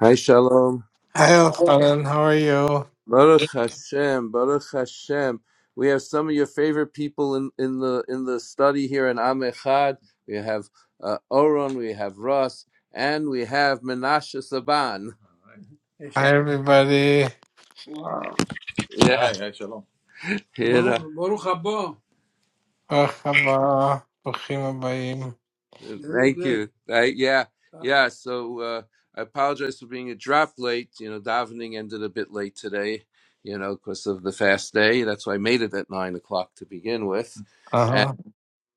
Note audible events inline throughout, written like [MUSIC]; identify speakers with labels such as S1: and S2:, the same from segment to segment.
S1: Hi, Shalom.
S2: Hi, Colin. How are you?
S1: Baruch Hashem, Baruch Hashem. We have some of your favorite people in, in the in the study here in Am Echad. We have uh, Oron, we have Ross, and we have Menashe Saban.
S2: Hi, everybody.
S1: Yeah, here. uh,
S2: Merhaba. Bukhim abayim.
S1: Thank you. Thank- yeah, yeah. So uh, I apologize for being a drop late. You know, davening ended a bit late today. You know, because of the fast day. That's why I made it at nine o'clock to begin with,
S2: Uh-huh.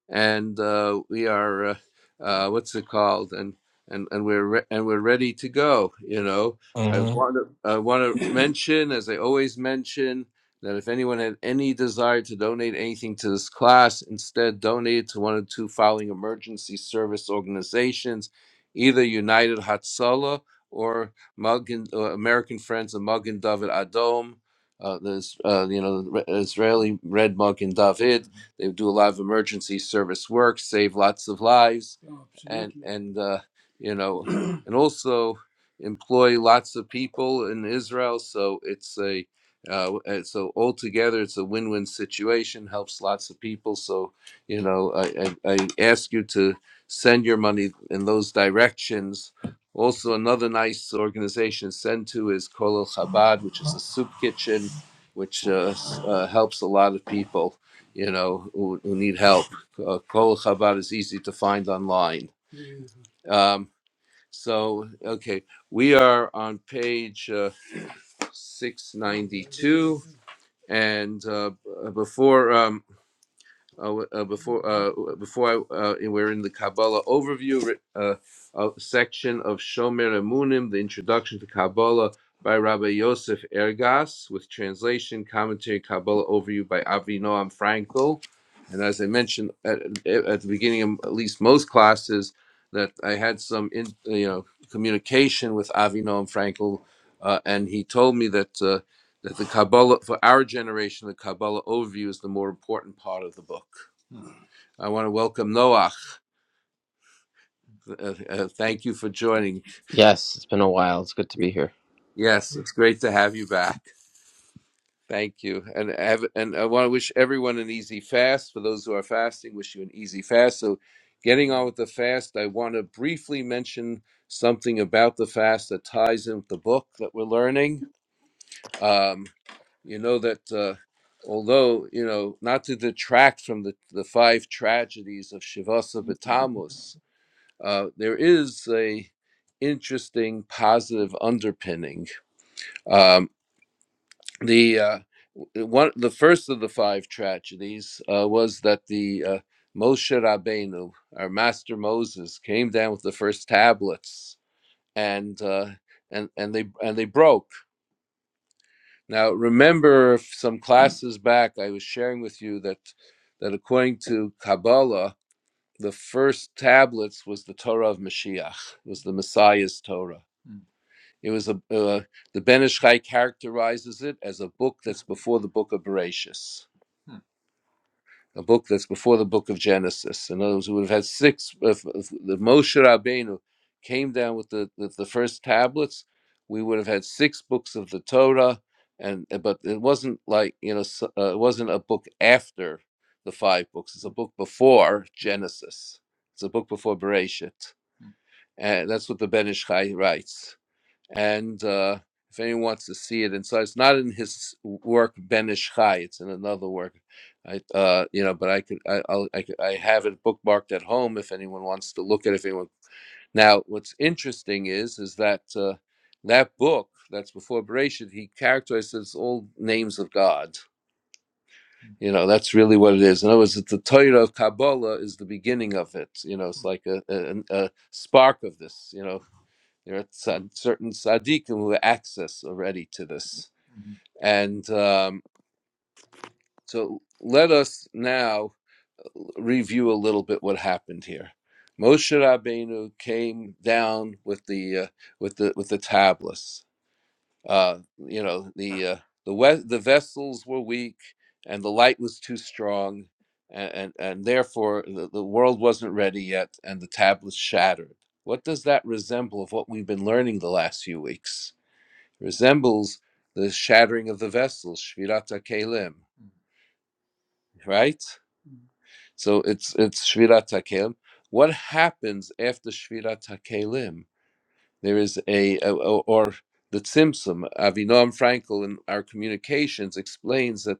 S1: and uh, we are uh, uh, what's it called and and and we're re- and we're ready to go you know i
S2: hmm
S1: want to i want to [CLEARS THROAT] mention as i always mention that if anyone had any desire to donate anything to this class instead donate to one of two following emergency service organizations either united hatzalah or Mug uh, american friends of Magen david adom uh, this uh, you know israeli red Magen david they do a lot of emergency service work, save lots of lives, and and uh, you know, [CLEARS THROAT] and also employ lots of people in Israel. So it's a uh, and so altogether, it's a win-win situation. Helps lots of people. So you know, I, I, I ask you to send your money in those directions. Also, another nice organization to send to is Kolel Chabad, which is a soup kitchen, which uh, s- uh, helps a lot of people you know, who, who need help. Uh, Kol Chabad is easy to find online. Um, so, okay, we are on page uh, 692. And uh, b- before. Um, uh, uh, before uh, before I, uh, we're in the Kabbalah overview uh, uh, section of Shomer Emunim, the introduction to Kabbalah by Rabbi Yosef Ergas, with translation commentary Kabbalah overview by Avi Noam Frankel. And as I mentioned at, at the beginning of at least most classes, that I had some in, you know communication with Avi Noam Frankel, uh, and he told me that. Uh, that the Kabbalah, for our generation, the Kabbalah overview is the more important part of the book. I want to welcome Noach. Uh, uh, thank you for joining.
S3: Yes, it's been a while. It's good to be here.
S1: Yes, it's great to have you back. Thank you. And, I have- and I want to wish everyone an easy fast. For those who are fasting, wish you an easy fast. So, getting on with the fast, I want to briefly mention something about the fast that ties in with the book that we're learning. Um. you know that uh, although you know not to detract from the, the five tragedies of Shivasa Vitamus, uh, there is a interesting positive underpinning. Um, the uh, one the first of the five tragedies uh, was that the uh, Moshe Rabbeinu, our master Moses, came down with the first tablets and uh, and and they and they broke Now, remember some classes back, I was sharing with you that that according to Kabbalah, the first tablets was the Torah of Mashiach, was the Messiah's Torah. It was a uh, the Ben Ish Chai characterizes it as a book that's before the Book of Bereshis a book that's before the book of Genesis. In other words, we would have had six. If, if the Moshe Rabbeinu came down with the with the first tablets, we would have had six books of the Torah. And eh, but it wasn't like you know, s- uh, it wasn't a book after the five books. It's a book before Genesis. It's a book before Bereshit, and that's what the Ben Ish Chai writes and uh, if anyone wants to see it inside, it's not in his work Ben Ish Chai. It's in another work. I, uh, you know, but I could, I, I'll, I, could, I have it bookmarked at home if anyone wants to look at. it, If anyone now, what's interesting is, is that uh, that book that's before Bereshit, he characterizes all names of God. You know, that's really what it is. In other words, that the Torah of Kabbalah is the beginning of it. You know, it's like a, a, a spark of this. You know, there are sad, certain tzaddikim who have access already to this. And um, so let us now uh, review a little bit what happened here. Moshe Rabbeinu came down with the uh, with the with the tablets. Uh, you know the uh, the we- the vessels were weak and the light was too strong, and and, and therefore the, the world wasn't ready yet, and the tablets shattered. What does that resemble of what we've been learning the last few weeks? resembles the shattering of the vessels, Shvirat HaKelim, right? So it's it's Shvirat HaKelim. What happens after Shvirat HaKelim? There is a, a- o- or the Tzimtzum, Avinam Frankel in our communications explains that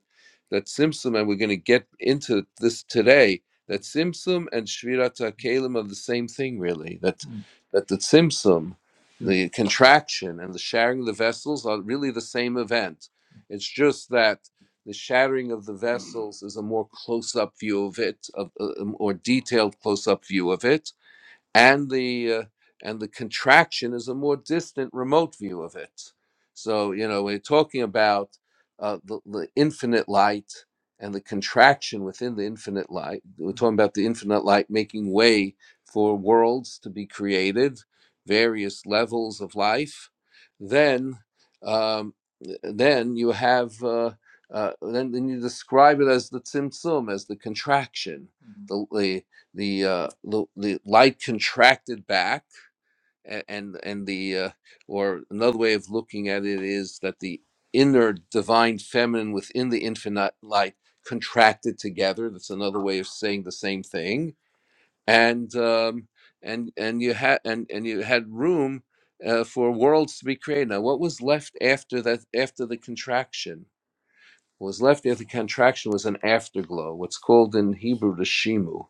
S1: that Tzimtzum, and we're going to get into this today, that Tzimtzum and Shvirat HaKelim are the same thing, really. That Mm. that the Tzimtzum, the contraction and the shattering of the vessels are really the same event. It's just that the shattering of the vessels is a more close-up view of it, of, a a more detailed close-up view of it, and the uh, and the contraction is a more distant, remote view of it. So you know, we're talking about uh, the, the infinite light and the contraction within the infinite light. We're talking about the infinite light making way for worlds to be created, various levels of life. Then, um, then you have. Uh, uh, then, then you describe it as the tzimtzum, as the contraction, the, the uh, the, the light contracted back a- and and the uh, or another way of looking at it is that the inner divine feminine within the infinite light contracted together that's another way of saying the same thing and um, and and you had and and you had room uh, for worlds to be created now what was left after that after the contraction what was left after the contraction was an afterglow what's called in hebrew the shimu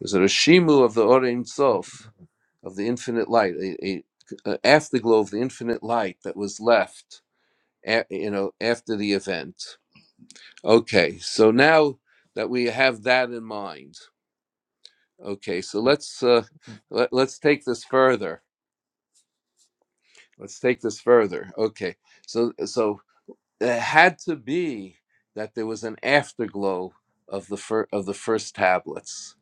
S1: there's a reshimu of the Orim Sof, of the infinite light, a, a, a afterglow of the infinite light that was left, a, you know, after the event. Okay, so now that we have that in mind, okay, so let's uh, let, let's take this further. Let's take this further. Okay, so so it had to be that there was an afterglow of the fir- of the first tablets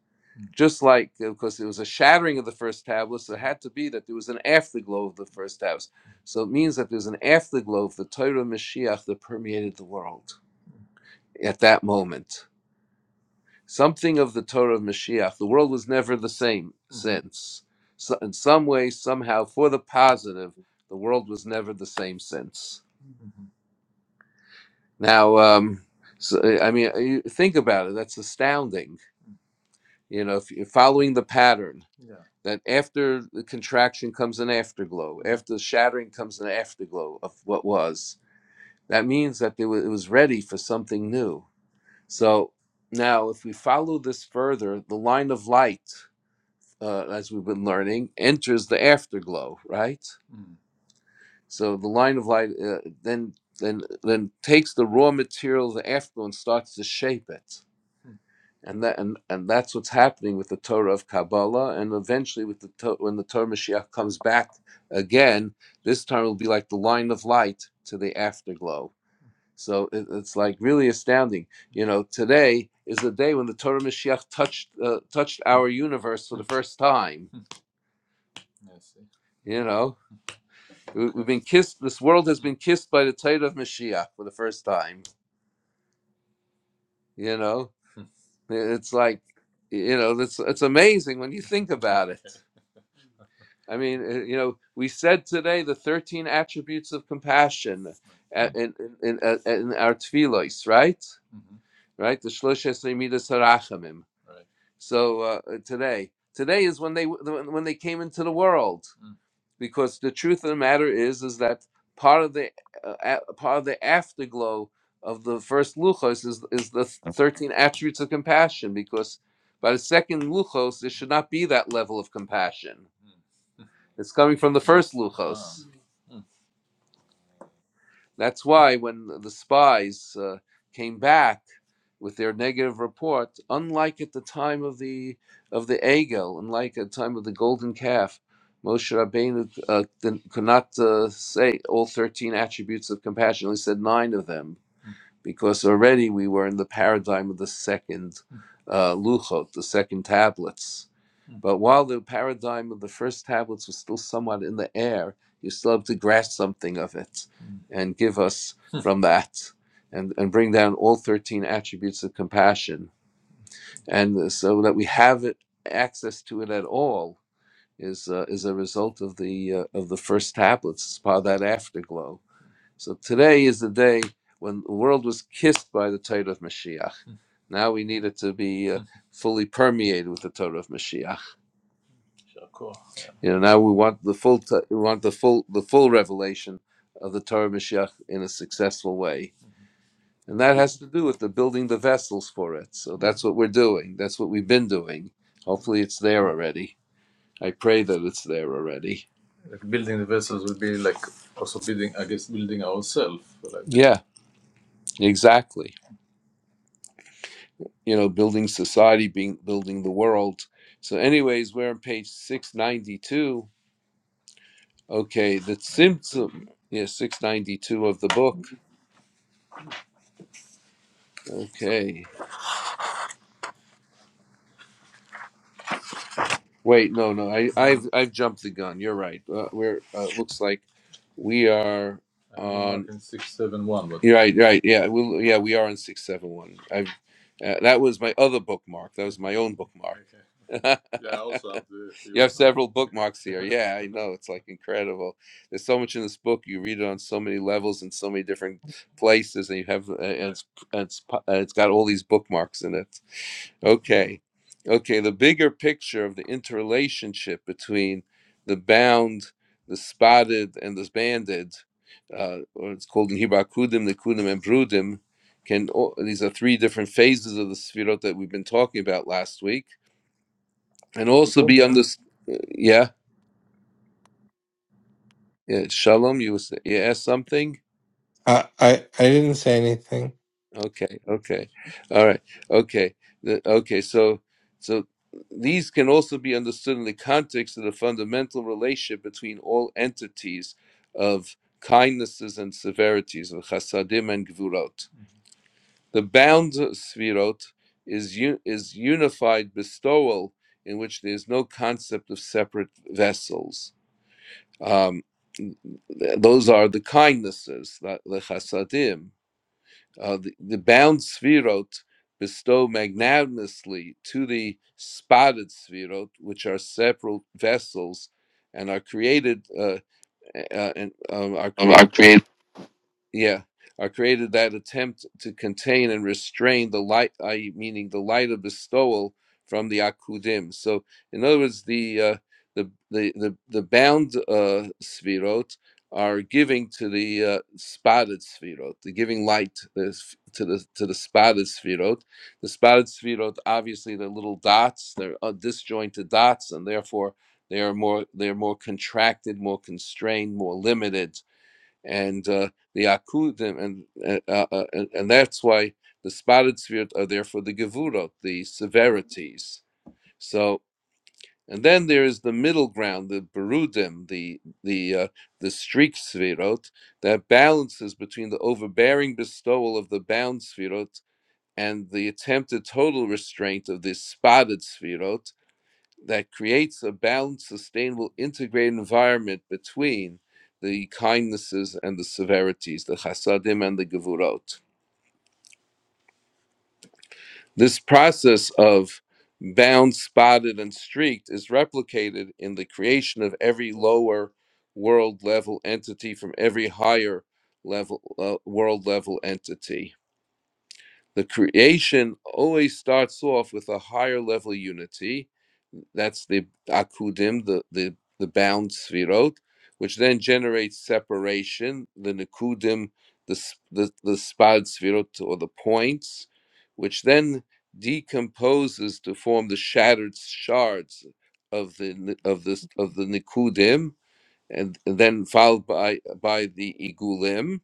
S1: just like because it was a shattering of the first tablets, there had to be that there was an afterglow of the first tablets. So it means that there's an afterglow of the Torah of Mashiach that permeated the world at that moment. Something of the Torah of Mashiach. The world was never the same since. So in some way, somehow, for the positive, the world was never the same since. Now, um, so, I mean, you think about it. That's astounding. You know, if you're following the pattern that after the contraction comes an afterglow, after the shattering comes an afterglow of what was. That means that it was ready for something new. So now, if we follow this further, the line of light, uh, as we've been learning, enters the afterglow, right? So the line of light uh, then then then takes the raw material of the afterglow and starts to shape it. and that and, and that's what's happening with the Torah of Kabbalah, and eventually with the when the Torah Mashiach comes back again, this time will be like the line of light to the afterglow. So it, it's like really astounding. You know, today is the day when the Torah Mashiach touched uh, touched our universe for the first time. You know, we, we've been kissed. This world has been kissed by the Torah of Mashiach for the first time. You know, it's like you know, it's it's amazing when you think about it. I mean, uh, you know, we said today the 13 attributes of compassion uh, in, in, in, uh, in our tefillos, right? Right? The Shlosh Midas Harachamim. So uh, today, today is when they when they came into the world, because the truth of the matter is, is that part of the uh, part of the afterglow of the first luchos is is the 13 attributes of compassion, because by the second luchos there should not be that level of compassion. It's coming from the first luchos. That's why when the spies uh, came back with their negative report, unlike at the time of the of the Egel, unlike at the time of the golden calf, Moshe Rabbeinu uh, didn't- could not uh, say all thirteen attributes of compassion. He only said nine of them because already we were in the paradigm of the second uh, luchot, the second tablets. But while the paradigm of the first tablets was still somewhat in the air, you still have to grasp something of it and give us [LAUGHS] from that and, and bring down all 13 attributes of compassion. And so that we have it, access to it at all is, uh, is a result of the, uh, of the first tablets, it's part of that afterglow. So today is the day when the world was kissed by the Torah of Mashiach. Now we need it to be uh, fully permeated with the Torah of Mashiach. You know, now we want the full, t- we want the full, the full revelation of the Torah of Mashiach in a successful way And that has to do with the building the vessels for it. So that's what we're doing. That's what we've been doing. Hopefully it's there already. I pray that it's there already. Yeah, exactly. You know, building society, being building the world. So, anyways, we're on page six ninety two. Okay, the symptom. Yeah, six ninety two of the book. Okay. Wait, no, no, I, I've I've jumped the gun. You're right. Uh, we're uh, looks like we are on. You're right, right. Yeah, we yeah we are on six seven one. I've uh, that was my other bookmark. That was my own bookmark. [LAUGHS] okay, you have yours now. several bookmarks here. [LAUGHS] Yeah, I know. It's like incredible. There's so much in this book. You read it on so many levels in so many different places, and you have uh, and yeah, it's and it's, po- uh, it's got all these bookmarks in it. Okay. Okay. The bigger picture of the interrelationship between the bound, the spotted, and the banded, uh, or it's called in Hebrew Akudim, Nikudim, and Brudim. Can all, these are three different phases of the Sefirot that we've been talking about last week, and also be understood? yeah yeah Shalom. You was- you asked something.
S2: I, I, I didn't say anything.
S1: Okay, okay, all right, okay, The- okay. So, so these can also be understood in the context of the fundamental relationship between all entities of kindnesses and severities of chasadim and gvurot. The bound svirot is u- is unified bestowal in which there is no concept of separate vessels. Um, th- those are the kindnesses, the, the chasadim uh, the, the bound sfirot bestow magnanimously to the spotted sfirot, which are separate vessels and are created uh, uh, and um, are created yeah are created that attempt to contain and restrain the light i meaning the light of bestowal from the akudim so in other words the uh, the, the the the bound uh svirot are giving to the uh, spotted svirot the giving light uh, to the to the spotted svirot the spotted svirot obviously they're little dots they're uh, disjointed dots and therefore they are more they are more contracted more constrained more limited and uh, the akudim, and uh, uh, uh, and and that's why the spotted spheres are there for the gevurot, the severities. So, and then there is the middle ground, the berudim, the the uh, the streak svirot that balances between the overbearing bestowal of the bound svirot and the attempted total restraint of the spotted svirot that creates a balanced, sustainable, integrated environment between the kindnesses and the severities, the chasadim and the gevurot. This process of bound, spotted, and streaked is replicated in the creation of every lower world level entity from every higher level uh, world level entity. The creation always starts off with a higher level unity, That's the akudim, the the the bound sfirot, which then generates separation. The nikudim, the the the spad sfirot or the points, which then decomposes to form the shattered shards of the of this of the nikudim, and, and then followed by by the igulim,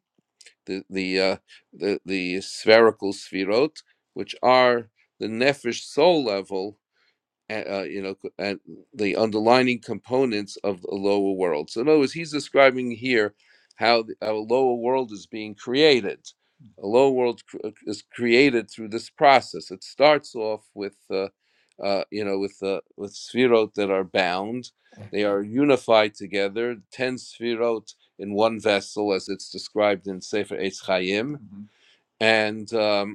S1: the the uh, the the spherical sfirot, which are the nefesh soul level uh, you know, and the underlining components of the lower world. So, in other words, he's describing here how the, our lower world is being created. A lower world cr- uh, is created through this process. It starts off with, uh, uh, you know, with uh, with sphirot that are bound. They are unified together, ten sphirot in one vessel, as it's described in Sefer Eitz Chaim, Mhm. and. um,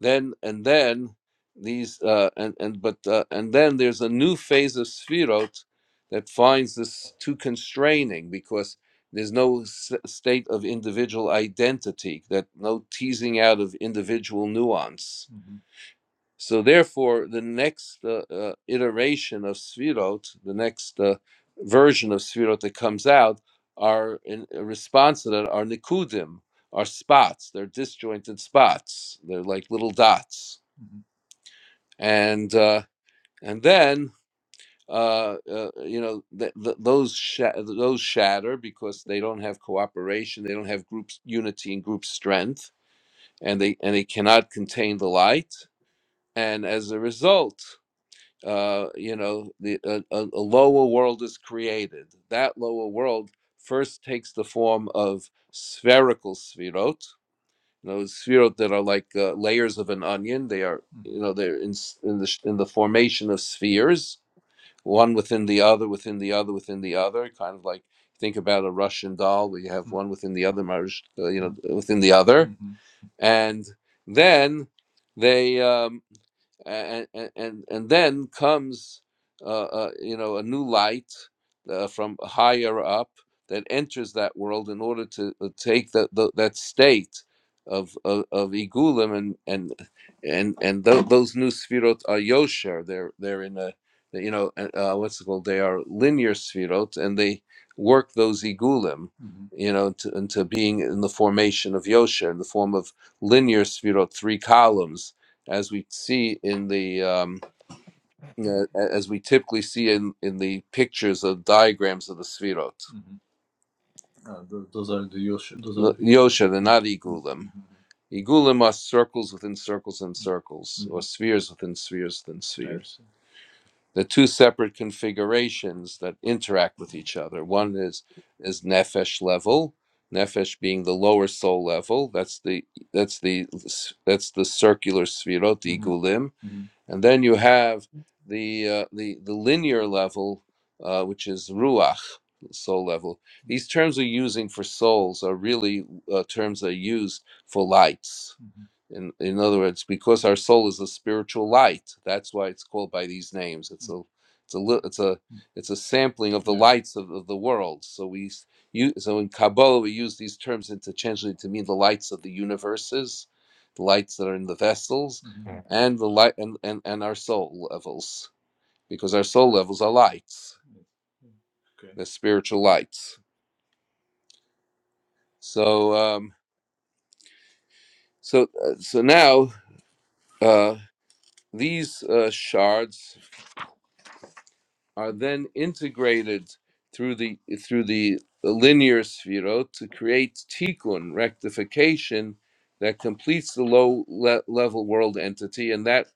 S1: then and then these uh, and and but uh, and then there's a new phase of sphirot that finds this too constraining because there's no s- state of individual identity, that no teasing out of individual nuance. So therefore, the next uh, uh, iteration of Svirot, the next uh, version of Svirot that comes out, are in in response to that are Nikudim, are spots. They're disjointed spots. They're like little dots. And uh, and then uh, uh, you know th- th- those sha- those shatter because they don't have cooperation. They don't have group unity and group strength, and they and they cannot contain the light. And as a result. uh, you know, the, a, a a lower world is created. That lower world first takes the form of spherical sphirot. Those sphirot that are like uh, layers of an onion. They are, you know, they're in, s- in the sh- in the formation of spheres, one within the other, within the other, within the other. Kind of like think about a Russian doll, where you have one within the other, Marush- uh, you know, within the other, and then they. Um, and and and then comes uh, uh, you know a new light uh, from higher up that enters that world in order to uh, take the, the, that state of of, of igulim and and and and tho- those new sfirot are yosher they're they're in a you know uh, uh, what's it called they are linear sfirot and they work those igulim you know, into, into being in the formation of Yosher in the form of linear Sfirot, three columns, as we see in the um, uh, as we typically see in, in the pictures of diagrams of the Sfirot. Yosher. Yosher, they're not Igulim. Igulim are circles within circles and circles, or Mhm. spheres within spheres within Right. spheres the two separate configurations that interact with each other. One is is nefesh level, nefesh being the lower soul level. That's the that's the that's the circular sfirot the igulim, and then you have the uh, the the linear level, uh, which is ruach soul level. These terms we're using for souls are really uh, terms that are used for lights in, in other words, because our soul is a spiritual light, that's why it's called by these names. It's a it's a li- it's a it's a sampling of the lights of, of the world. So we you so in Kabbalah we use these terms interchangeably to mean the lights of the universes, the lights that are in the vessels, Mhm. and the light and, and and our soul levels because our soul levels are lights. Okay. They're spiritual lights. So um so uh, so now uh these uh, shards. are then integrated through the through the linear sphero to create tikkun rectification that completes the low le- level world entity, and that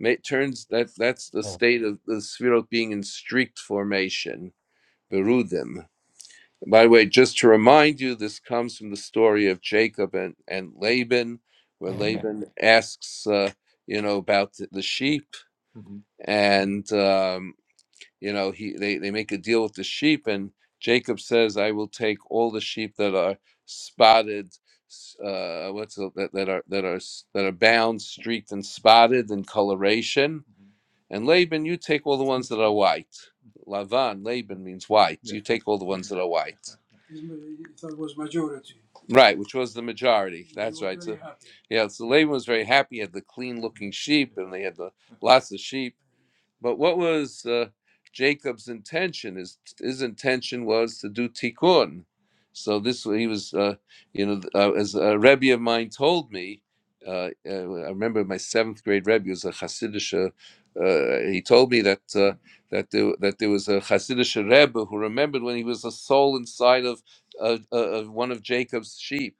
S1: ma- turns that that's the state of the sphero being in streaked formation berudim. By the way, just to remind you, this comes from the story of Jacob and, and Laban, where Laban asks, uh, you know, about the the sheep, and um, you know he they, they make a deal with the sheep and jacob says i will take all the sheep that are spotted uh, what's the, that, that are that are that are bound streaked and spotted in coloration and laban you take all the ones that are white lavan laban means white you take all the ones that are white That was majority. right which was the majority that's right so yeah so laban was very happy he had the clean looking sheep and they had the lots of sheep but what was uh, Jacob's intention? His his intention was to do tikkun. So this he was, uh, you know, uh, as a rebbe of mine told me. Uh, uh, I remember my seventh grade rebbe was a Hasidic. Uh, uh, he told me that uh, that there, that there was a Hasidic rebbe who remembered when he was a soul inside of uh, uh, of one of Jacob's sheep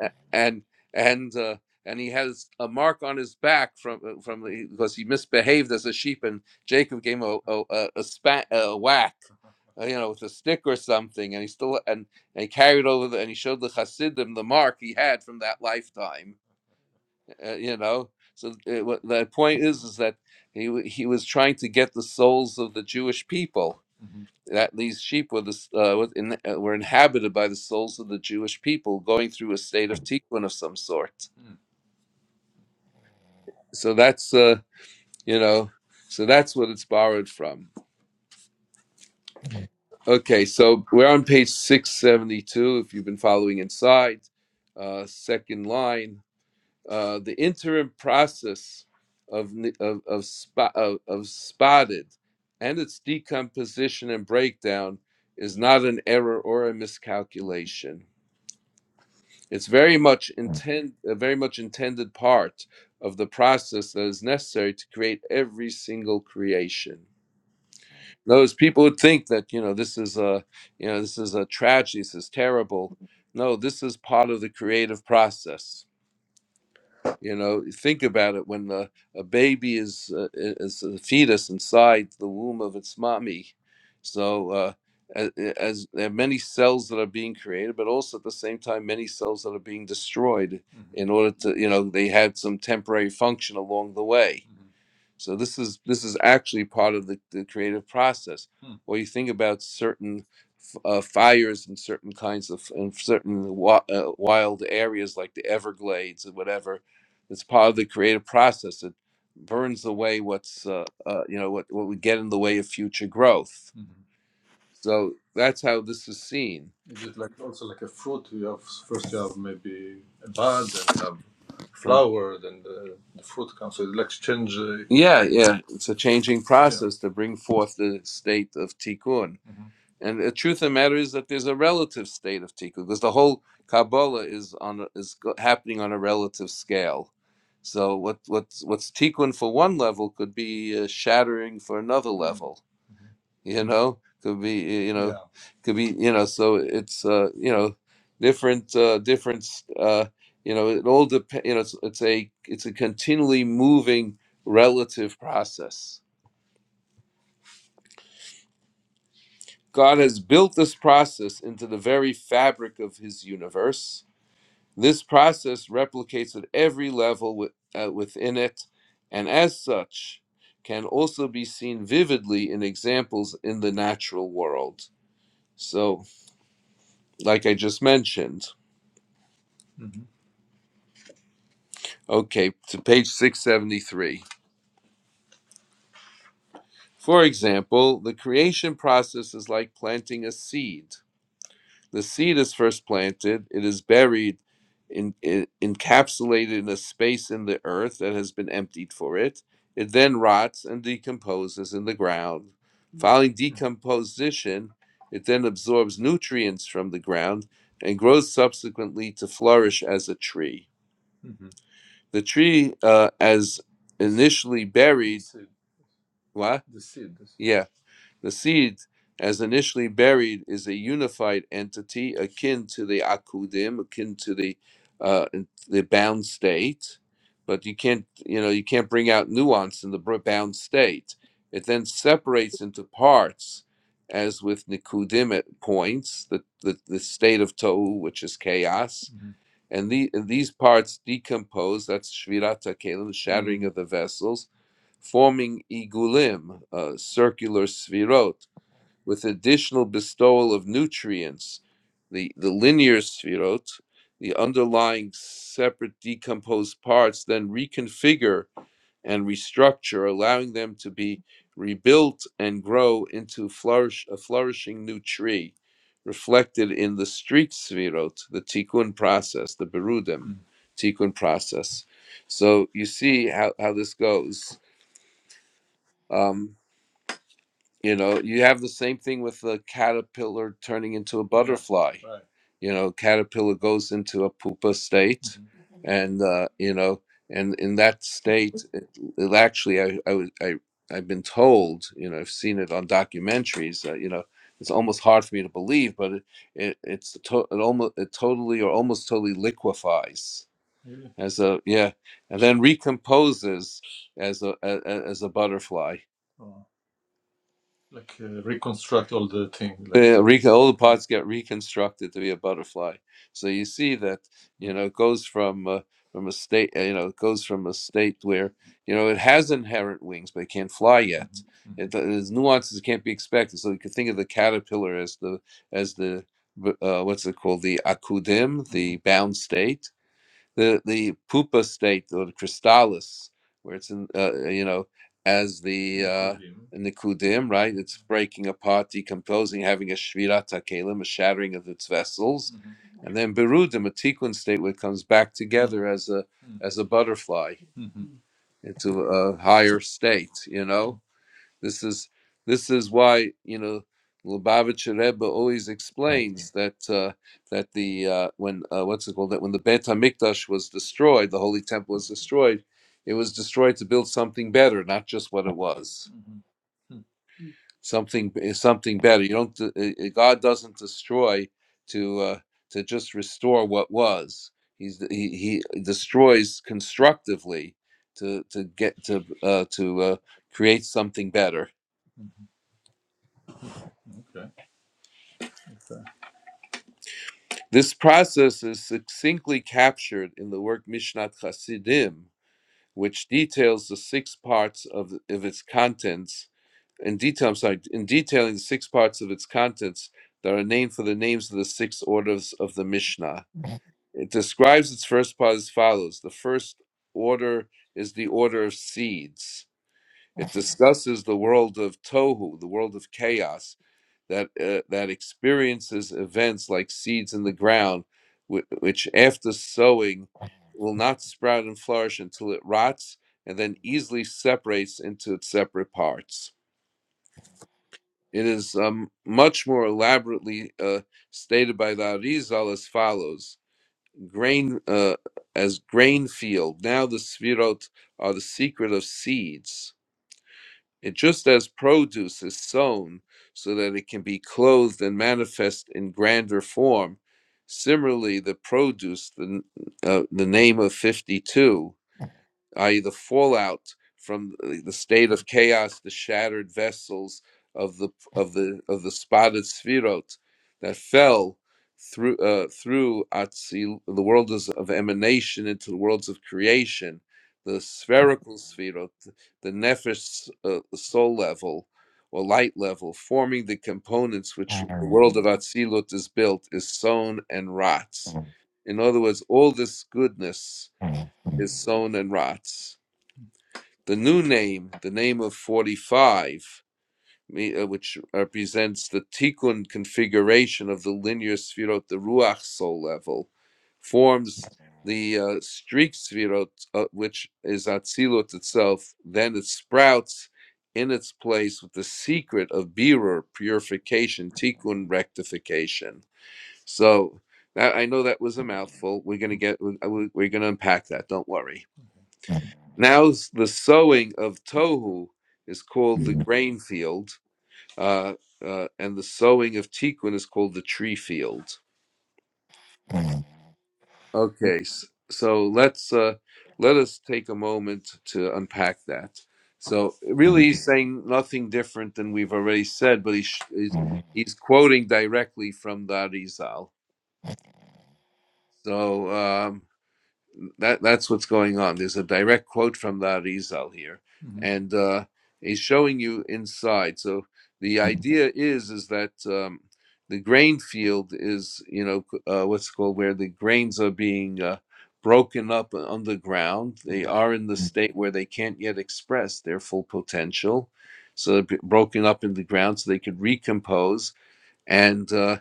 S1: a- and and uh, and he has a mark on his back from uh, from the, because he misbehaved as a sheep, and Jacob gave him a a, a, a, spat, a whack, uh, you know, with a stick or something, and he still and, and he carried over the, and he showed the Hasidim the mark he had from that lifetime, uh, you know. So uh, what the point is is that he wa- he was trying to get the souls of the Jewish people. That these sheep were the, s- uh, was in, uh, were inhabited by the souls of the Jewish people, going through a state of tikkun of some sort so that's uh you know so that's what it's borrowed from okay so we're on page 672 if you've been following inside uh second line uh the interim process of ni- of of, spot, of, of spotted and its decomposition and breakdown is not an error or a miscalculation it's very much intend a very much intended part of the process that is necessary to create every single creation those people who think that you know this is a you know this is a tragedy this is terrible no this is part of the creative process you know think about it when the, a baby is uh, is a fetus inside the womb of its mommy so uh as, as there are many cells that are being created but also at the same time many cells that are being destroyed Mhm. in order to you know they had some temporary function along the way so this is this is actually part of the, the creative process or you think about certain uh, fires in certain kinds of in certain wa- uh, wild areas like the Everglades or whatever. It's part of the creative process. It burns away what's uh, uh, you know what what would get in the way of future growth. So that's how this is seen from. Yeah, yeah, it's a changing yeah. process to bring forth the state of tikkun. And the truth of the matter is that there's a relative state of tikkun because the whole Kabbalah is on a- is happening on a relative scale. So what what's what's tikkun for one level could be uh, shattering for another Mm. level. You know, could be uh, you know, Yeah. could be you know. So it's uh, you know, different uh, different. Uh, you know, it all depends. You know, it's, it's a it's a continually moving relative process God has built this process into the very fabric of his universe. This process replicates at every level wi- uh, within it, and as such, can also be seen vividly in examples in the natural world. So, like I just mentioned, okay, to page 673. For example, the creation process is like planting a seed. The seed is first planted, it is buried, in, in, encapsulated in a space in the earth that has been emptied for it. It then rots and decomposes in the ground. Following decomposition, it then absorbs nutrients from the ground and grows subsequently to flourish as a tree. The tree, uh, as initially buried, what? the seed? Yeah. The seed, as initially buried, is a unified entity akin to the akudim, akin to the uh, the bound state. But you can't, you know, you can't bring out nuance in the br- bound state. It then separates into parts, as with nikudim at points, the, the, the state of tohu, which is chaos, and, the, and these parts decompose. That's shvirata kelim, shattering of the vessels, forming igulim, uh, circular sfirot, with additional bestowal of nutrients, the, the linear sfirot, the underlying separate decomposed parts then reconfigure and restructure, allowing them to be rebuilt and grow into flourish, a flourishing new tree, reflected in the street sfirot, the tikkun process, the berudim, Mm. tikkun process. So you see how, how this goes. Um, You know, you have the same thing with the caterpillar turning into a butterfly. You know, caterpillar goes into a pupa state, and uh, you know, and in that state, it, it actually, I, I, was- I, I've been told, you know, I've seen it on documentaries. Uh, you know, it's almost hard for me to believe, but it, it it's to, it almost it totally or almost totally liquefies as a yeah, and then recomposes as a, a a- as a butterfly uh, re- all the parts get reconstructed to be a butterfly. So you see that you know it goes from uh, from a state uh, you know it goes from a state where you know it has inherent wings but it can't fly yet. Mhm, It, there's nuances that can't be expected. So you can think of the caterpillar as the as the uh, what's it called the akudim, mhm, the bound state, the the pupa state or the crystalis, where it's in uh, you know as the uh, nikudim, right? It's breaking apart, decomposing, having a shvirat hakelim, a shattering of its vessels, mm-hmm. and then berudim, a tikkun state where it comes back together as a mm. as a butterfly into a higher state, you know this is this is why you know Lubavitcher Rebbe always explains that uh, that the uh, when uh, what's it called that when the Beit Hamikdash was destroyed, the Holy Temple was destroyed. It was destroyed to build something better, not just what it was. Mm-hmm. Something is something better. You don't. uh, uh, God doesn't destroy to uh, to just restore what was. He's he, he destroys constructively to to get to uh, to uh, create something better This process is succinctly captured in the work Mishnat Chasidim, which details the six parts of, of its contents. In detail, I'm sorry, in detailing the six parts of its contents that are named for the names of the six orders of the Mishnah. It describes its first part as follows: the first order is the order of seeds. It discusses the world of tohu, the world of chaos, that uh, that experiences events like seeds in the ground, whi- which after sowing will not sprout and flourish until it rots and then easily separates into its separate parts. It is um, much more elaborately uh, stated by the Arizal as follows: Grain uh, as grain field. Now the sfirot are the secret of seeds and just as produce is sown so that it can be clothed and manifest in grander form, similarly, the produce, the, uh, the name of 52, i.e., the fallout from the state of chaos, the shattered vessels of the of the of the spotted sphirot that fell through uh, through Atzil, the worlds of emanation into the worlds of creation, the spherical sphirot, the nefesh uh, soul level or light level, forming the components which the world of Atzilut is built, is sown and rots. In other words, all this goodness is sown and rots the new name, the name of 45, uh, which represents the tikkun configuration of the linear sphirot, the ruach soul level, forms the uh, streak sphirot, uh, which is atzilut itself. Then it sprouts in its place with the secret of birur, purification, tikkun, rectification. So that, I know that was a mouthful. We're gonna get we're gonna unpack that. Don't worry. Now the sowing of tohu is called the grain field, uh, uh, and the sowing of tikkun is called the tree field. Okay, s- so let's uh, let us take a moment to unpack that. So really, he's saying nothing different than we've already said, but he's he's, he's quoting directly from the Arizal. So. Um, that that's what's going on. There's a direct quote from the Arizal here, and uh, he's showing you inside. So the idea is is that um, the grain field is you know uh, what's called where the grains are being uh, broken up underground. They are in the state where they can't yet express their full potential, so broken up in the ground so they could recompose and. uh,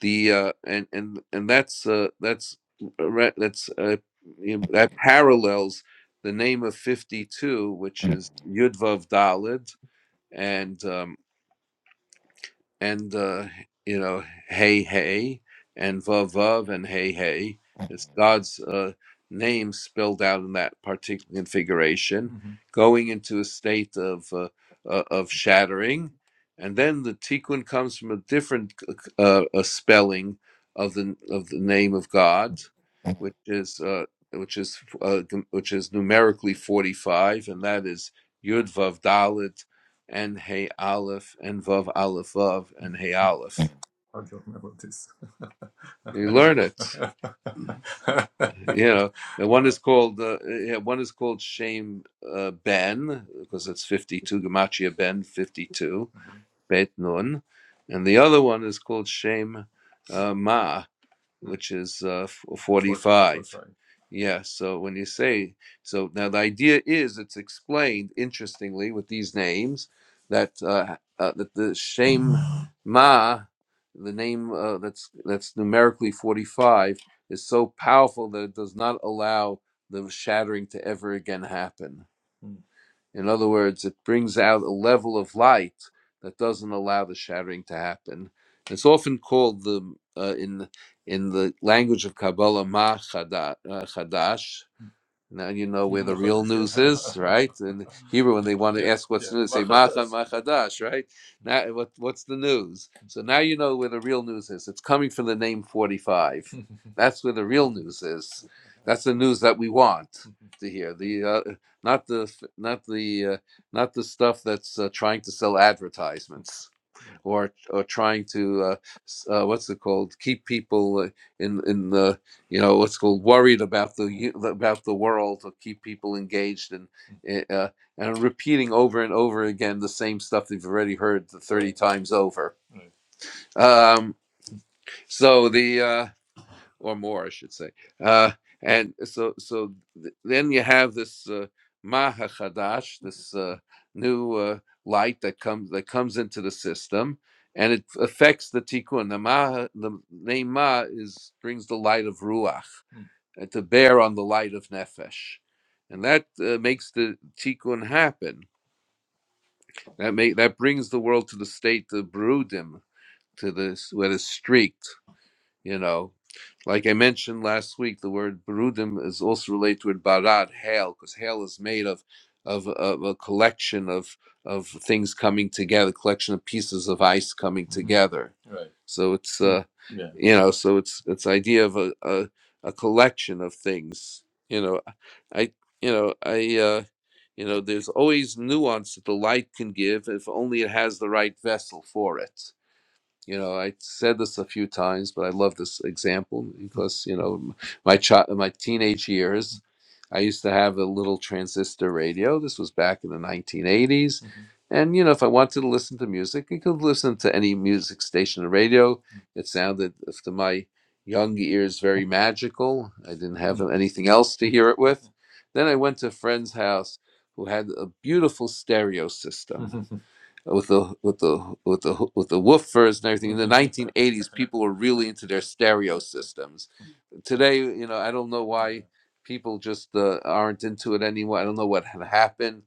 S1: the uh, and and and that's uh, that's uh, re- that's uh, you know, that parallels the name of 52 which is yudvav dalid and um, and uh, you know, hey hey, and vav vav and hey hey. It's God's uh, name spelled out in that particular configuration, going into a state of uh, uh, of shattering, and then the tikkun comes from a different uh, a spelling of the of the name of God, which is. Uh, which is uh, which is numerically 45 and that is yud vav dalet and Hey Aleph and Vav Aleph Vav and Hey Aleph. You learn it. [LAUGHS] You know, the one is called uh, yeah, one is called Shem uh, Ben because it's fifty-two Gemachia Ben fifty-two Beit Nun, and the other one is called Shem uh, Ma. which is uh, 45. Yeah, so when you say, so now the idea is it's explained interestingly with these names that uh, uh, that the Shem Ma, the name uh, that's that's numerically 45, is so powerful that it does not allow the shattering to ever again happen. In other words, it brings out a level of light that doesn't allow the shattering to happen. It's often called the uh, in in the language of Kabbalah Ma uh, Chadash. Now you know where the [LAUGHS] real news is, right? In Hebrew, when they want to ask what's yeah. new, they say Ma Chadash, right? Now, what, what's the news? So now you know where the real news is. It's coming from the name 45. [LAUGHS] That's where the real news is. That's the news that we want to hear the uh, not the not the uh, not the stuff that's uh, trying to sell advertisements or or trying to uh, uh, what's it called keep people uh, in in the you know what's called worried about the about the world or keep people engaged and eh, uh, and repeating over and over again the same stuff they've already heard the 30 times over um, so the uh, or more, I should say. Uh, and so, so th- then you have this uh, Maha Chadash, this uh, new uh, light that comes that comes into the system, and it affects the Tikkun. The Maha, the name Ma is brings the light of Ruach uh, to bear on the light of Nefesh. And that uh, makes the tikkun happen. That make that brings the world to the state of brudim, to this where it's streaked you know, like I mentioned last week, the word berudim is also related to the word barad, hail, because hail is made of of, of a collection of of things coming together, collection of pieces of ice coming together. So it's uh, you know, so it's it's idea of a, a a collection of things. You know, I you know I uh, you know there's always nuance that the light can give if only it has the right vessel for it you know i said this a few times but i love this example because you know my child my teenage years i used to have a little transistor radio this was back in the 1980s Mhm. and you know if i wanted to listen to music I could listen to any music station or radio Mm. it sounded if to my young ears very magical i didn't have Mm. anything else to hear it with then i went to a friend's house who had a beautiful stereo system [LAUGHS] with the with the with the with the woofers and everything in the 1980s people were really into their stereo systems today you know i don't know why people just uh, aren't into it anymore i don't know what had happened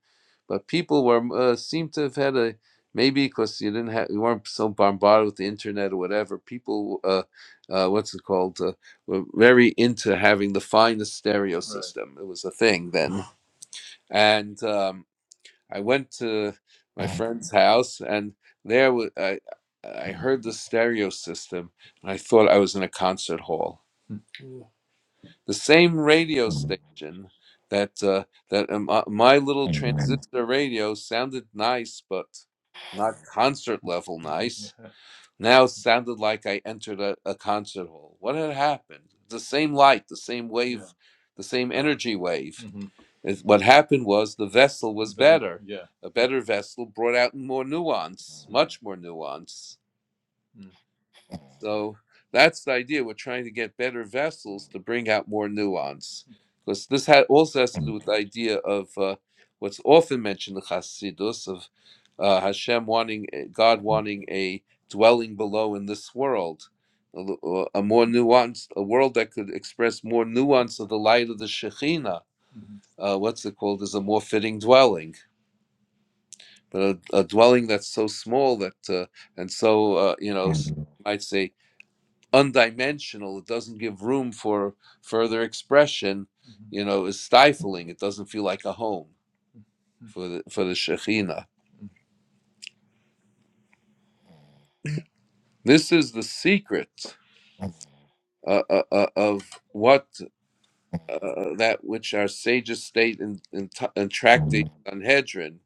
S1: but people were uh, seem to have had a maybe because you didn't have you weren't so bombarded with the internet or whatever people uh, uh, what's it called uh, were very into having the finest stereo Right. system it was a thing then [SIGHS] and um I went to my friend's house, and there wa- I I heard the stereo system, and I thought I was in a concert hall the same radio station that uh, that uh, my, my little transistor radio sounded nice, but not concert level nice. [LAUGHS] Now sounded like I entered a, a concert hall. What had happened? The same light, the same wave, Yeah. the same energy wave. Is- What happened was the vessel was better. A better vessel brought out more nuance, much more nuance so that's the idea. We're trying to get better vessels to bring out more nuance, because this ha- also has to do with the idea of uh, what's often mentioned in Chassidus of uh, Hashem wanting eh, God wanting a dwelling below in this world, a, l- uh, a more nuanced a world that could express more nuance of the light of the Shekhinah. Uh, what's it called? Is a more fitting dwelling, but a, a dwelling that's so small that uh, and so uh, you know might say undimensional it doesn't give room for further expression Mm-hmm. you know is stifling it doesn't feel like a home mm-hmm. for the for the shekhinah this is the secret uh, uh, uh, of what uh, that which our sages state in, in, in tractate on sanhedrin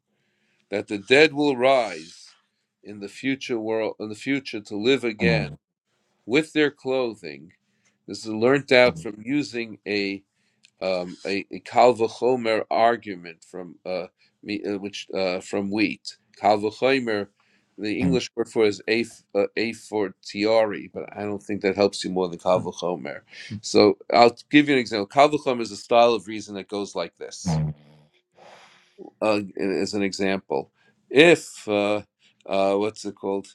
S1: that the dead will rise in the future world in the future to live again with their clothing this is learnt out from using a. um, a, a kal v'chomer argument from uh, me, uh, which uh, from wheat. Kal v'chomer, the English word for it is a uh, a fortiori, but I don't think that helps you more than kal v'chomer. So I'll give you an example. Kal v'chomer is a style of reason that goes like this. Uh, as an example, if uh, uh, what's it called?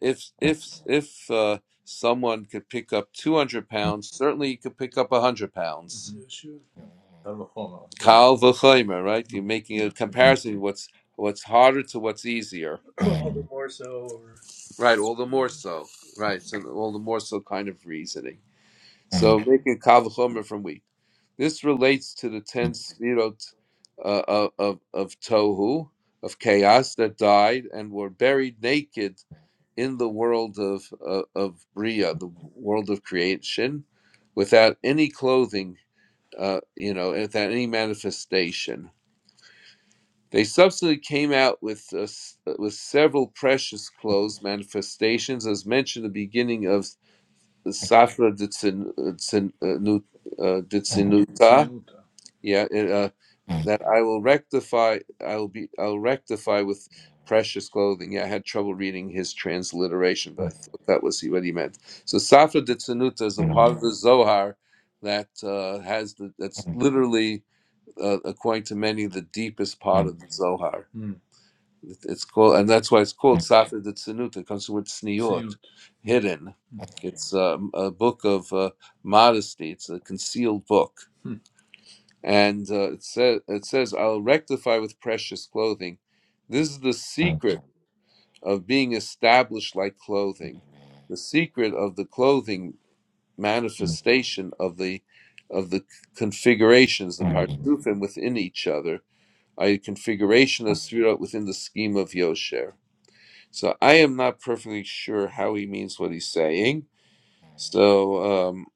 S1: If if if uh, someone could pick up two hundred pounds, certainly you could pick up one hundred pounds Kal v'chaymer, right? You're making a comparison. What's what's harder to what's easier, [CLEARS THROAT] All the more so. Or, right? All the more so, right? So all the more so kind of reasoning. So making kal v'chomer from wheat. This relates to the ten sfirot uh, of of of tohu of chaos that died and were buried naked in the world of uh, of bria, the world of creation, without any clothing uh, you know, without any manifestation. They subsequently came out with uh, s- with several precious clothes manifestations, as mentioned at the beginning of the Safra Ditsin- uh, Tsin- uh, Nu- uh, Ditsinuta. Yeah, it, uh, that I will rectify. I'll be. I'll rectify with precious clothing. Yeah, I had trouble reading his transliteration, but I thought that was what he meant. So Safra Ditsanuta is a part of the Zohar that uh, has the, that's literally uh, according to many, the deepest part of the Zohar. It- It's called, and that's why it's called Safed de Tsinut. It comes from the word hidden. It's um, a book of uh, modesty. It's a concealed book, and uh, it says, "It says I'll rectify with precious clothing." This is the secret of being established like clothing. The secret of the clothing manifestation of the of the configurations, the partufim within each other a configuration of Sfirot within the scheme of Yosher. So I am not perfectly sure how he means what he's saying. So um,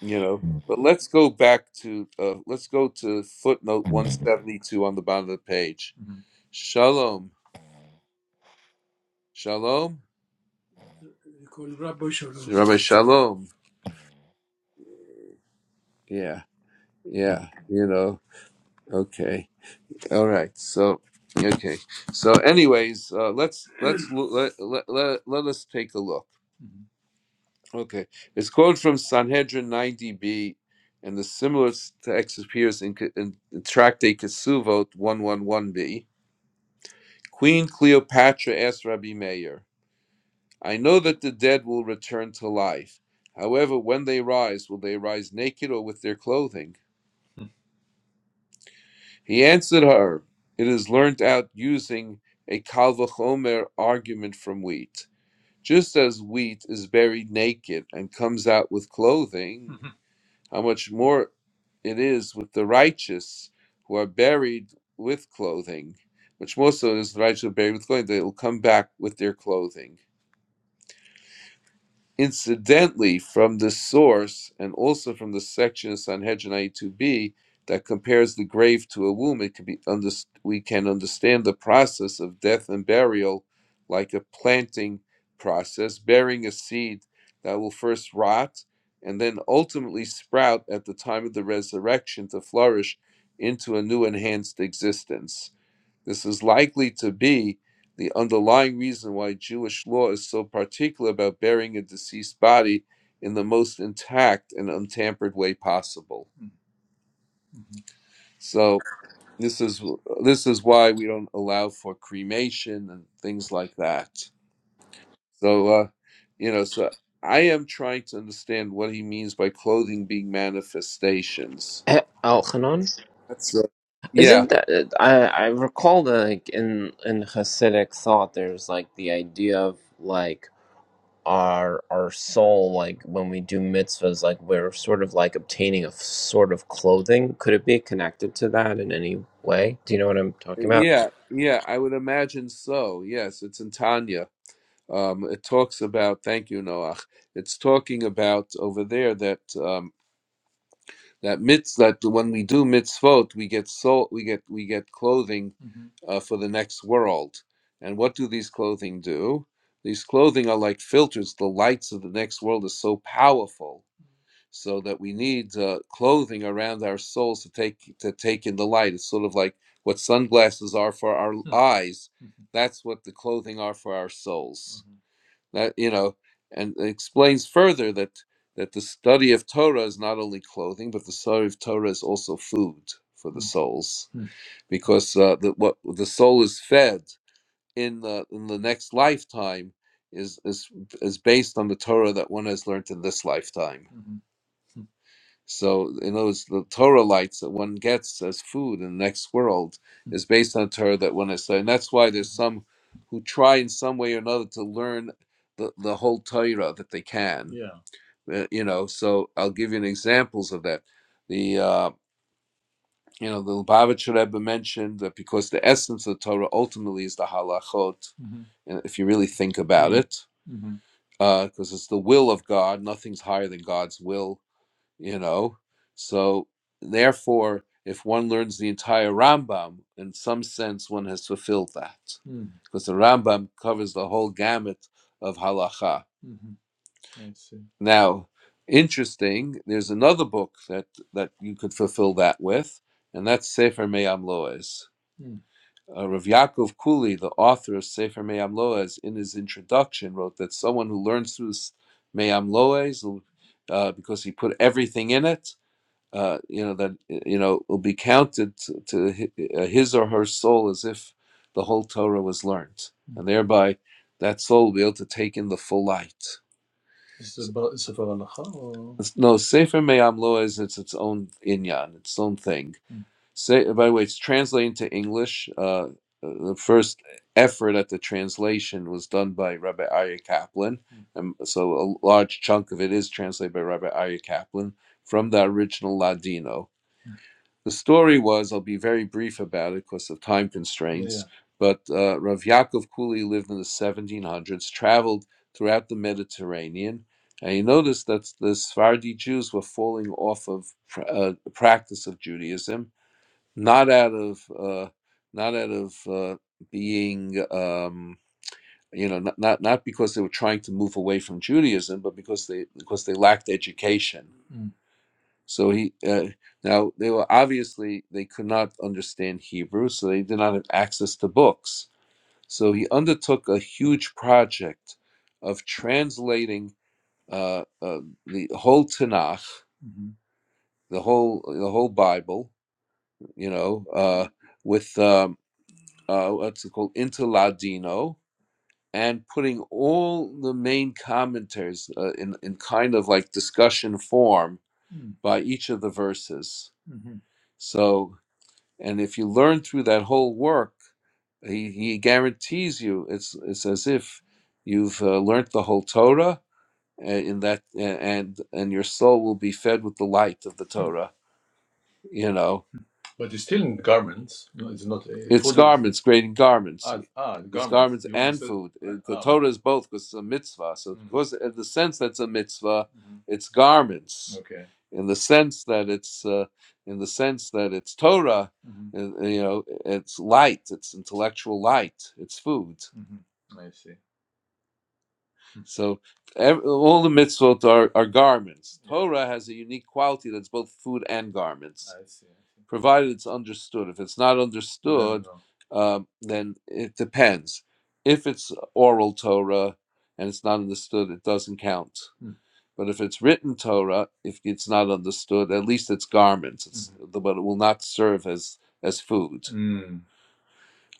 S1: you know, but let's go back to uh, let's go to footnote one seventy two on the bottom of the page. Shalom, shalom, You call it Rabbi Shalom. Rabbi Shalom. Yeah, yeah. You know. Okay. All right. So. Okay. So, anyways, uh, let's let's [CLEARS THROAT] let, let let let us take a look. Okay. It's quoted from Sanhedrin 90b, and the similar text appears in, in Tractate Kesuvot 111b. Queen Cleopatra asked Rabbi Meir, I know that the dead will return to life. However, when they rise, will they rise naked or with their clothing? He answered her, It is learnt out using a Kalvachomer argument from wheat. Just as wheat is buried naked and comes out with clothing, how much more it is with the righteous who are buried with clothing, much more so is the righteous who are buried with clothing, they will come back with their clothing incidentally from this source and also from the section of Sanhedrin IE2b that compares the grave to a womb, it can be under, we can understand the process of death and burial like a planting process, burying a seed that will first rot and then ultimately sprout at the time of the resurrection to flourish into a new enhanced existence. This is likely to be the underlying reason why Jewish law is so particular about burying a deceased body in the most intact and untampered way possible. So this is this is why we don't allow for cremation and things like that. So uh, you know, so I am trying to understand what he means by clothing being manifestations.
S3: Eh, Elchanan,
S1: That's uh, yeah,
S3: isn't that? I I recall that like in in Hasidic thought, there's like the idea of like our our soul, like when we do mitzvahs, like we're sort of like obtaining a f- sort of clothing. Could it be connected to that in any way? Do you know what I'm talking about?
S1: yeah, yeah. I would imagine so. Yes, it's in Tanya. um, it talks about thank you Noach. It's talking about over there that um, that mitz that when we do mitzvot, we get so we get we get clothing uh, for the next world. And what do these clothing do? These clothing are like filters. The lights of the next world is so powerful, so that we need uh, clothing around our souls to take to take in the light. It's sort of like what sunglasses are for our eyes. That's what the clothing are for our souls that you know and it explains further that that the study of torah is not only clothing but the study of torah is also food for the souls because uh, the, what the soul is fed in the in the next lifetime is is is based on the torah that one has learned in this lifetime so, in other words, the Torah lights that one gets as food in the next world is based on Torah that one has studied. And that's why there's some who try in some way or another to learn the, the whole Torah that they can. Uh, you know, so I'll give you an examples of that. The uh, you know the Lubavitcher Rebbe mentioned that because the essence of the Torah ultimately is the halachot, and if you really think about it, because uh, it's the will of God, nothing's higher than God's will you know so therefore if one learns the entire rambam in some sense one has fulfilled that because the rambam covers the whole gamut of halacha now interesting there's another book that that you could fulfill that with and that's sefer me'am loes uh, Rav Yaakov Kuli, the author of Sefer Me'am Loes, in his introduction wrote that someone who learns through s- Me'am Loes, uh, because he put everything in it, uh, you know that you know will be counted to, to hi- uh, his or her soul as if the whole Torah was learned, and thereby that soul will be able to take in the full light. It's- No, Sefer Me'am Lo is it's its own inyan, its own thing. Say, by the way, it's translating to English. Uh, uh, the first effort at the translation was done by Rabbi Arya Kaplan, and so a large chunk of it is translated by Rabbi Arya Kaplan from the original Ladino. The story was, I'll be very brief about it because of time Yeah, yeah. constraints, but uh, Rav Yaakov Kuli lived in the 1700s, traveled throughout the Mediterranean, and he noticed that the Sephardi Jews were falling off of pr- uh, the practice of Judaism, not out of uh, not out of uh, being um, you know not, not not because they were trying to move away from Judaism, but because they because they lacked education so he uh, now they were obviously they could not understand Hebrew, so they did not have access to books. So he undertook a huge project of translating uh, uh, the whole Tanakh, the whole the whole Bible, you know, uh, with um, uh, what's it called into Ladino, and putting all the main commentaries uh, in in kind of like discussion form by each of the verses. So And if you learn through that whole work, he, he guarantees you it's it's as if you've uh, learned the whole Torah uh, in that uh, and and your soul will be fed with the light of the Torah. You know, it's garments, creating garments. It's garments and food. It- the Torah is both because it's a mitzvah. So, because in the sense that's a mitzvah, it's garments. In the sense that it's uh, in the sense that it's Torah, uh, you know it's light it's intellectual light it's food so ev all the mitzvot are, are garments Yeah. torah has a unique quality that's both food and garments I see. provided it's understood if it's not No, understood no. no. um, then it depends if it's oral torah and it's not understood it doesn't count but if it's written torah if it's not understood at least it's garments it's, Mm-hmm. but it will not serve as as food Mm.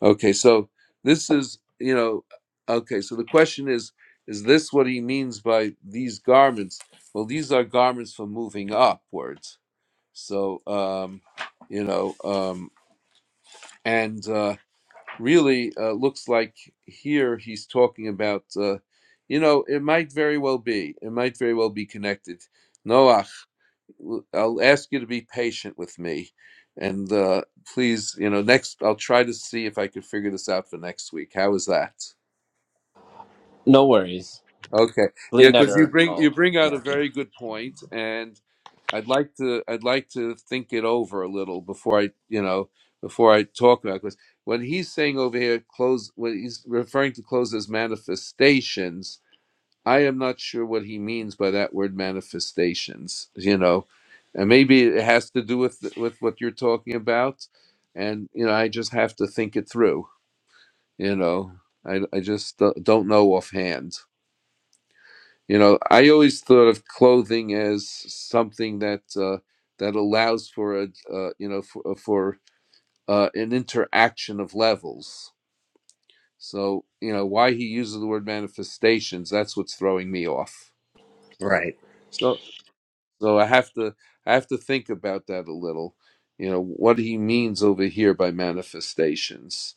S1: Okay, so this is, you know, okay, so the question is, is this what he means by these garments? Well, these are garments for moving upwards. So, um, you know, um, and uh, really uh, looks like here he's talking about, uh, you know, it might very well be, it might very well be connected. Noach i I'll ask you to be patient with me, and uh, please, you know, next I'll try to see if I can figure this out for next week. How is that?
S3: No worries.
S1: Okay,
S3: Blee
S1: yeah, because you
S3: Netter.
S1: bring you
S3: Oh,
S1: bring out a
S3: yeah.
S1: very good point, and I'd like to I'd like to think it over a little before I you know before I talk about because when he's saying over here close when he's referring to close as manifestations I am not sure what he means by that word manifestations, you know, and maybe it has to do with with what you're talking about, and you know, I just have to think it through, you know. I I just do- don't know offhand. You know, I always thought of clothing as something that uh, that allows for a uh, you know for, uh, for uh, an interaction of levels. So you know why he uses the word manifestations. That's what's throwing me off.
S3: Right.
S1: So. So I have to I have to think about that a little. You know, what he means over here by manifestations,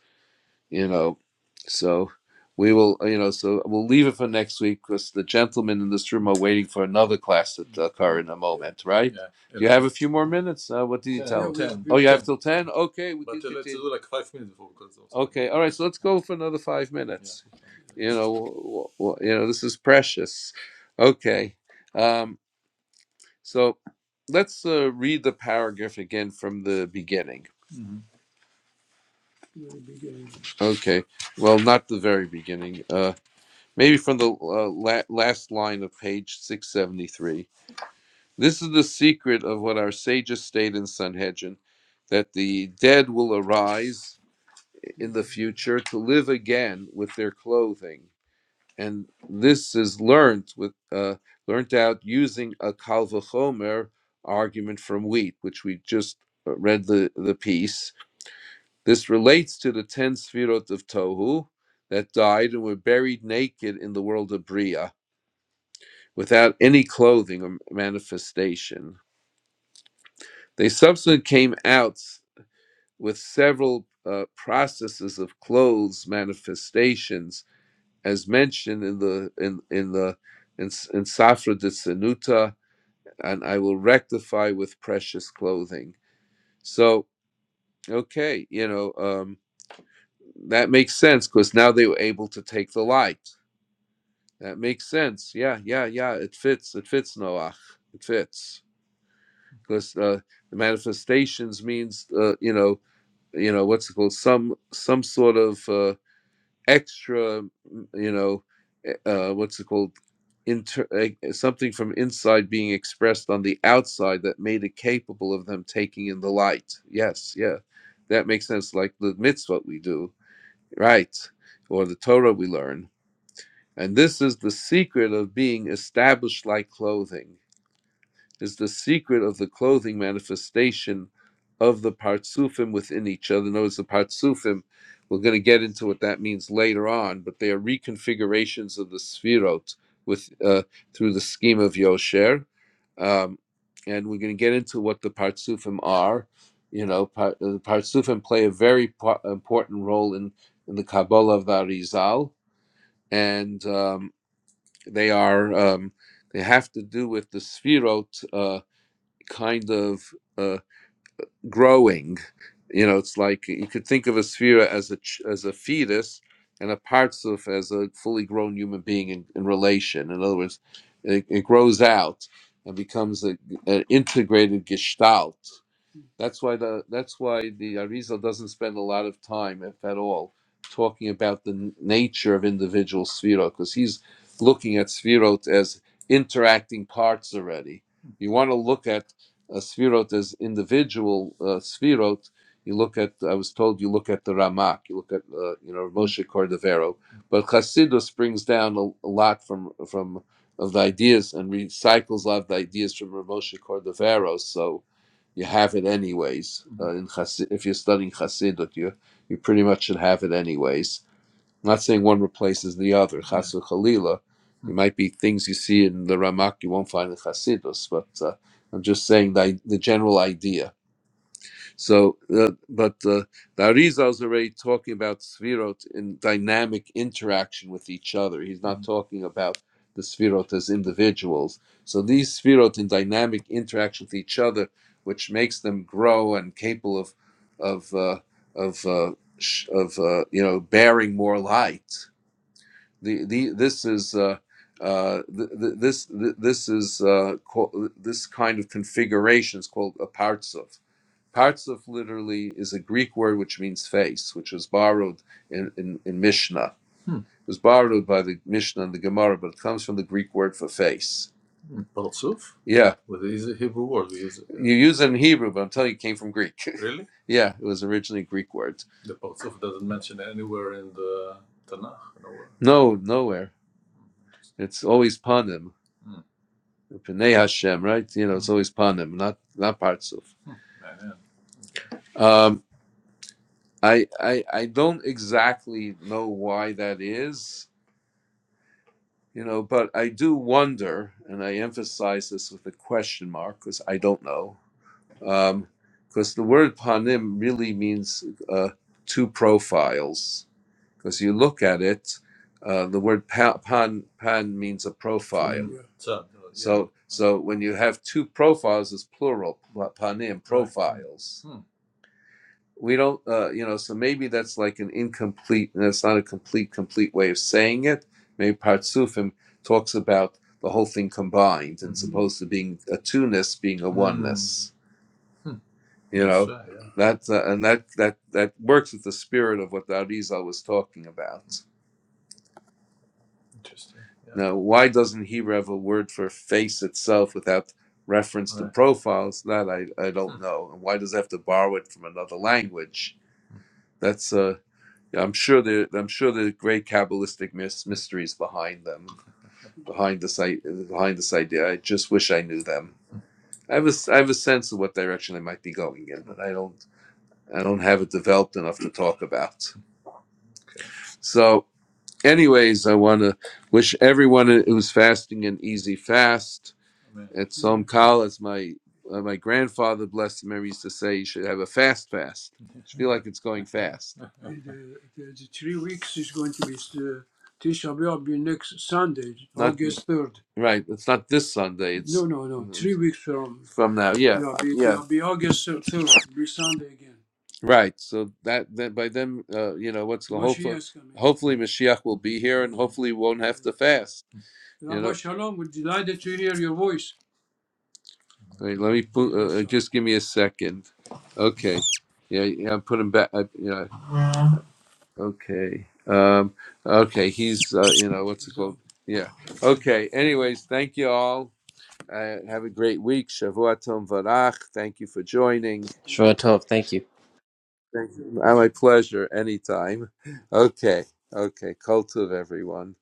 S1: you know. So we will, you know, so we'll leave it for next week because the gentlemen in this room are waiting for another class to occur in a moment, right? You have a few more minutes. Uh, what do you tell them? Oh, you have till 10? Okay, we can continue. Okay, all right. So let's go for another five Yeah. minutes. Yeah. You know, w- w- you know, this is precious. Okay, um, so let's uh, read the paragraph again from the beginning. Very beginning. Okay. Well, not the very beginning. Uh, maybe from the uh, la- last line of page 673. This is the secret of what our sages state in Sanhedrin that the dead will arise in the future to live again with their clothing. and this is learned with uh, learned out using a kal v'chomer argument from wheat, which we just uh, read the the piece. This relates to the ten sfirot of tohu that died and were buried naked in the world of bria, without any clothing or manifestation. They subsequently came out with several uh, processes of clothes manifestations as mentioned in the in in the in, S- in Safra de Senuta, and I will rectify with precious clothing. So okay, you know um, that makes sense because now they were able to take the light. That makes sense. Yeah, yeah, yeah. It fits. It fits Noach. It fits because uh, the manifestations means uh, you know you know what's it called some some sort of uh, extra, you know, e- uh, what's it called? Inter- like, eh, something from inside being expressed on the outside that made it capable of them taking in the light. Yes, yeah, that makes sense. Like the mitzvah we do, right? Or the Torah we learn. And this is the secret of being established like clothing is the secret of the clothing manifestation of the partsufim within each other. Notice the partsufim, we're going to get into what that means later on, but they are reconfigurations of the sphirot with uh, through the scheme of Yosher. Um, and we're going to get into what the partsufim are. You know, par- uh, the partsufim play a very po- important role in, in the Kabbalah of the Arizal, and um, they are um, they have to do with the sphirot. Uh, kind of uh, growing. You know, it's like you could think of a sphere as a ch- as a fetus and a Partsuf as a fully grown human being in, in relation. In other words, it, it grows out and becomes a, an integrated gestalt. That's why the that's why the Arizal doesn't spend a lot of time, if at all, talking about the n- nature of individual sfirot, because he's looking at sfirot as interacting parts already. You want to look at a sfirot as individual uh, sfirot. You look at I was told you look at the Ramak, you look at uh, you know Moshe Cordovero, but Chassidus brings down a, a lot from from of the ideas and recycles a lot of the ideas from Moshe Cordovero. So you have it anyways. Uh, in Hasid, if you're studying Hasidut, you you pretty much should have it anyways. I'm not saying one replaces the other. Chas v'chalila, there might be things you see in the Ramak you won't find in Hasidus, but uh, I'm just saying the, the general idea. So, uh, but uh, the Arizal is already talking about Sfirot in dynamic interaction with each other. He's not Mhm. talking about the Sfirot as individuals. So these Sfirot in dynamic interaction with each other, which makes them grow and capable of, of, uh, of, uh, sh- of uh, you know, bearing more light. The, the this is. Uh, uh, th- th- this th- this is uh, called this kind of configuration is called a partsov Partsuf literally is a Greek word which means face, which was borrowed in, in, in Mishnah. It was borrowed by the Mishnah and the Gemara, but it comes from the Greek word for face. Yeah, you use it in Hebrew, but I'm telling you, it came from Greek. [LAUGHS] Yeah, it was originally a Greek word. No, nowhere. It's always panim, Pnei Hashem, right? You know, it's always panim, not not partsuf. Um, I, I I don't exactly know why that is. You know, but I do wonder, and I emphasize this with a question mark because I don't know, because um, the word panim really means uh, two profiles. Because you look at it, uh, the word pa- pan pan means a profile. Mm. So so when you have two profiles, it's plural panim Right. profiles we don't uh, you know so maybe that's like an incomplete and that's not a complete complete way of saying it maybe partsufim talks about the whole thing combined and supposed to being a two-ness being a oneness Mm, you know that uh, and that that that works with the spirit of what Darizal was talking about now why doesn't Hebrew have a word for face itself without reference right. to profiles that I, I Hmm. don't hmm. know and why does it have to borrow it from another language that's uh I'm sure there. I'm sure there are great kabbalistic mys- mysteries behind them, behind this i- behind this idea. I just wish I knew them. I have a, s- I have a sense of what direction they might be going in, but I don't. I don't have it developed enough to talk about. So, anyways, I want to wish everyone who's fasting an easy fast. At some call, as my uh, my grandfather, blessed him, used to say, you should have a fast fast. You should feel like it's going fast. the, the, the three weeks is going to be the Tisha B'Av will be next Sunday, Not August third. right. It's not this Sunday. No, It's no, no. no. Three weeks from from now. Yeah, yeah, be, yeah. it'll be August third. It'll be Sunday again. Right. So that that by then, uh, you know, what's the hopefully, Mashiach's hopefully Mashiach will be here, and hopefully won't have to fast. You know. Rabbi Shalom, we're delighted to hear your voice. Wait, let me put. Yes, Uh, uh, just give me a second. Okay. Yeah, yeah. I'm putting back. I, yeah. Okay. Um, okay. He's, uh, you know, what's it called? Yeah. Okay. Anyways, thank you all. Uh, have a great week. Shavuot Tov Varach. Thank you for joining. You're
S3: Sure.
S1: welcome.
S3: Tov. Thank you.
S1: Thank you. Uh, My pleasure. Anytime. Okay. Okay. Kol Tov, everyone.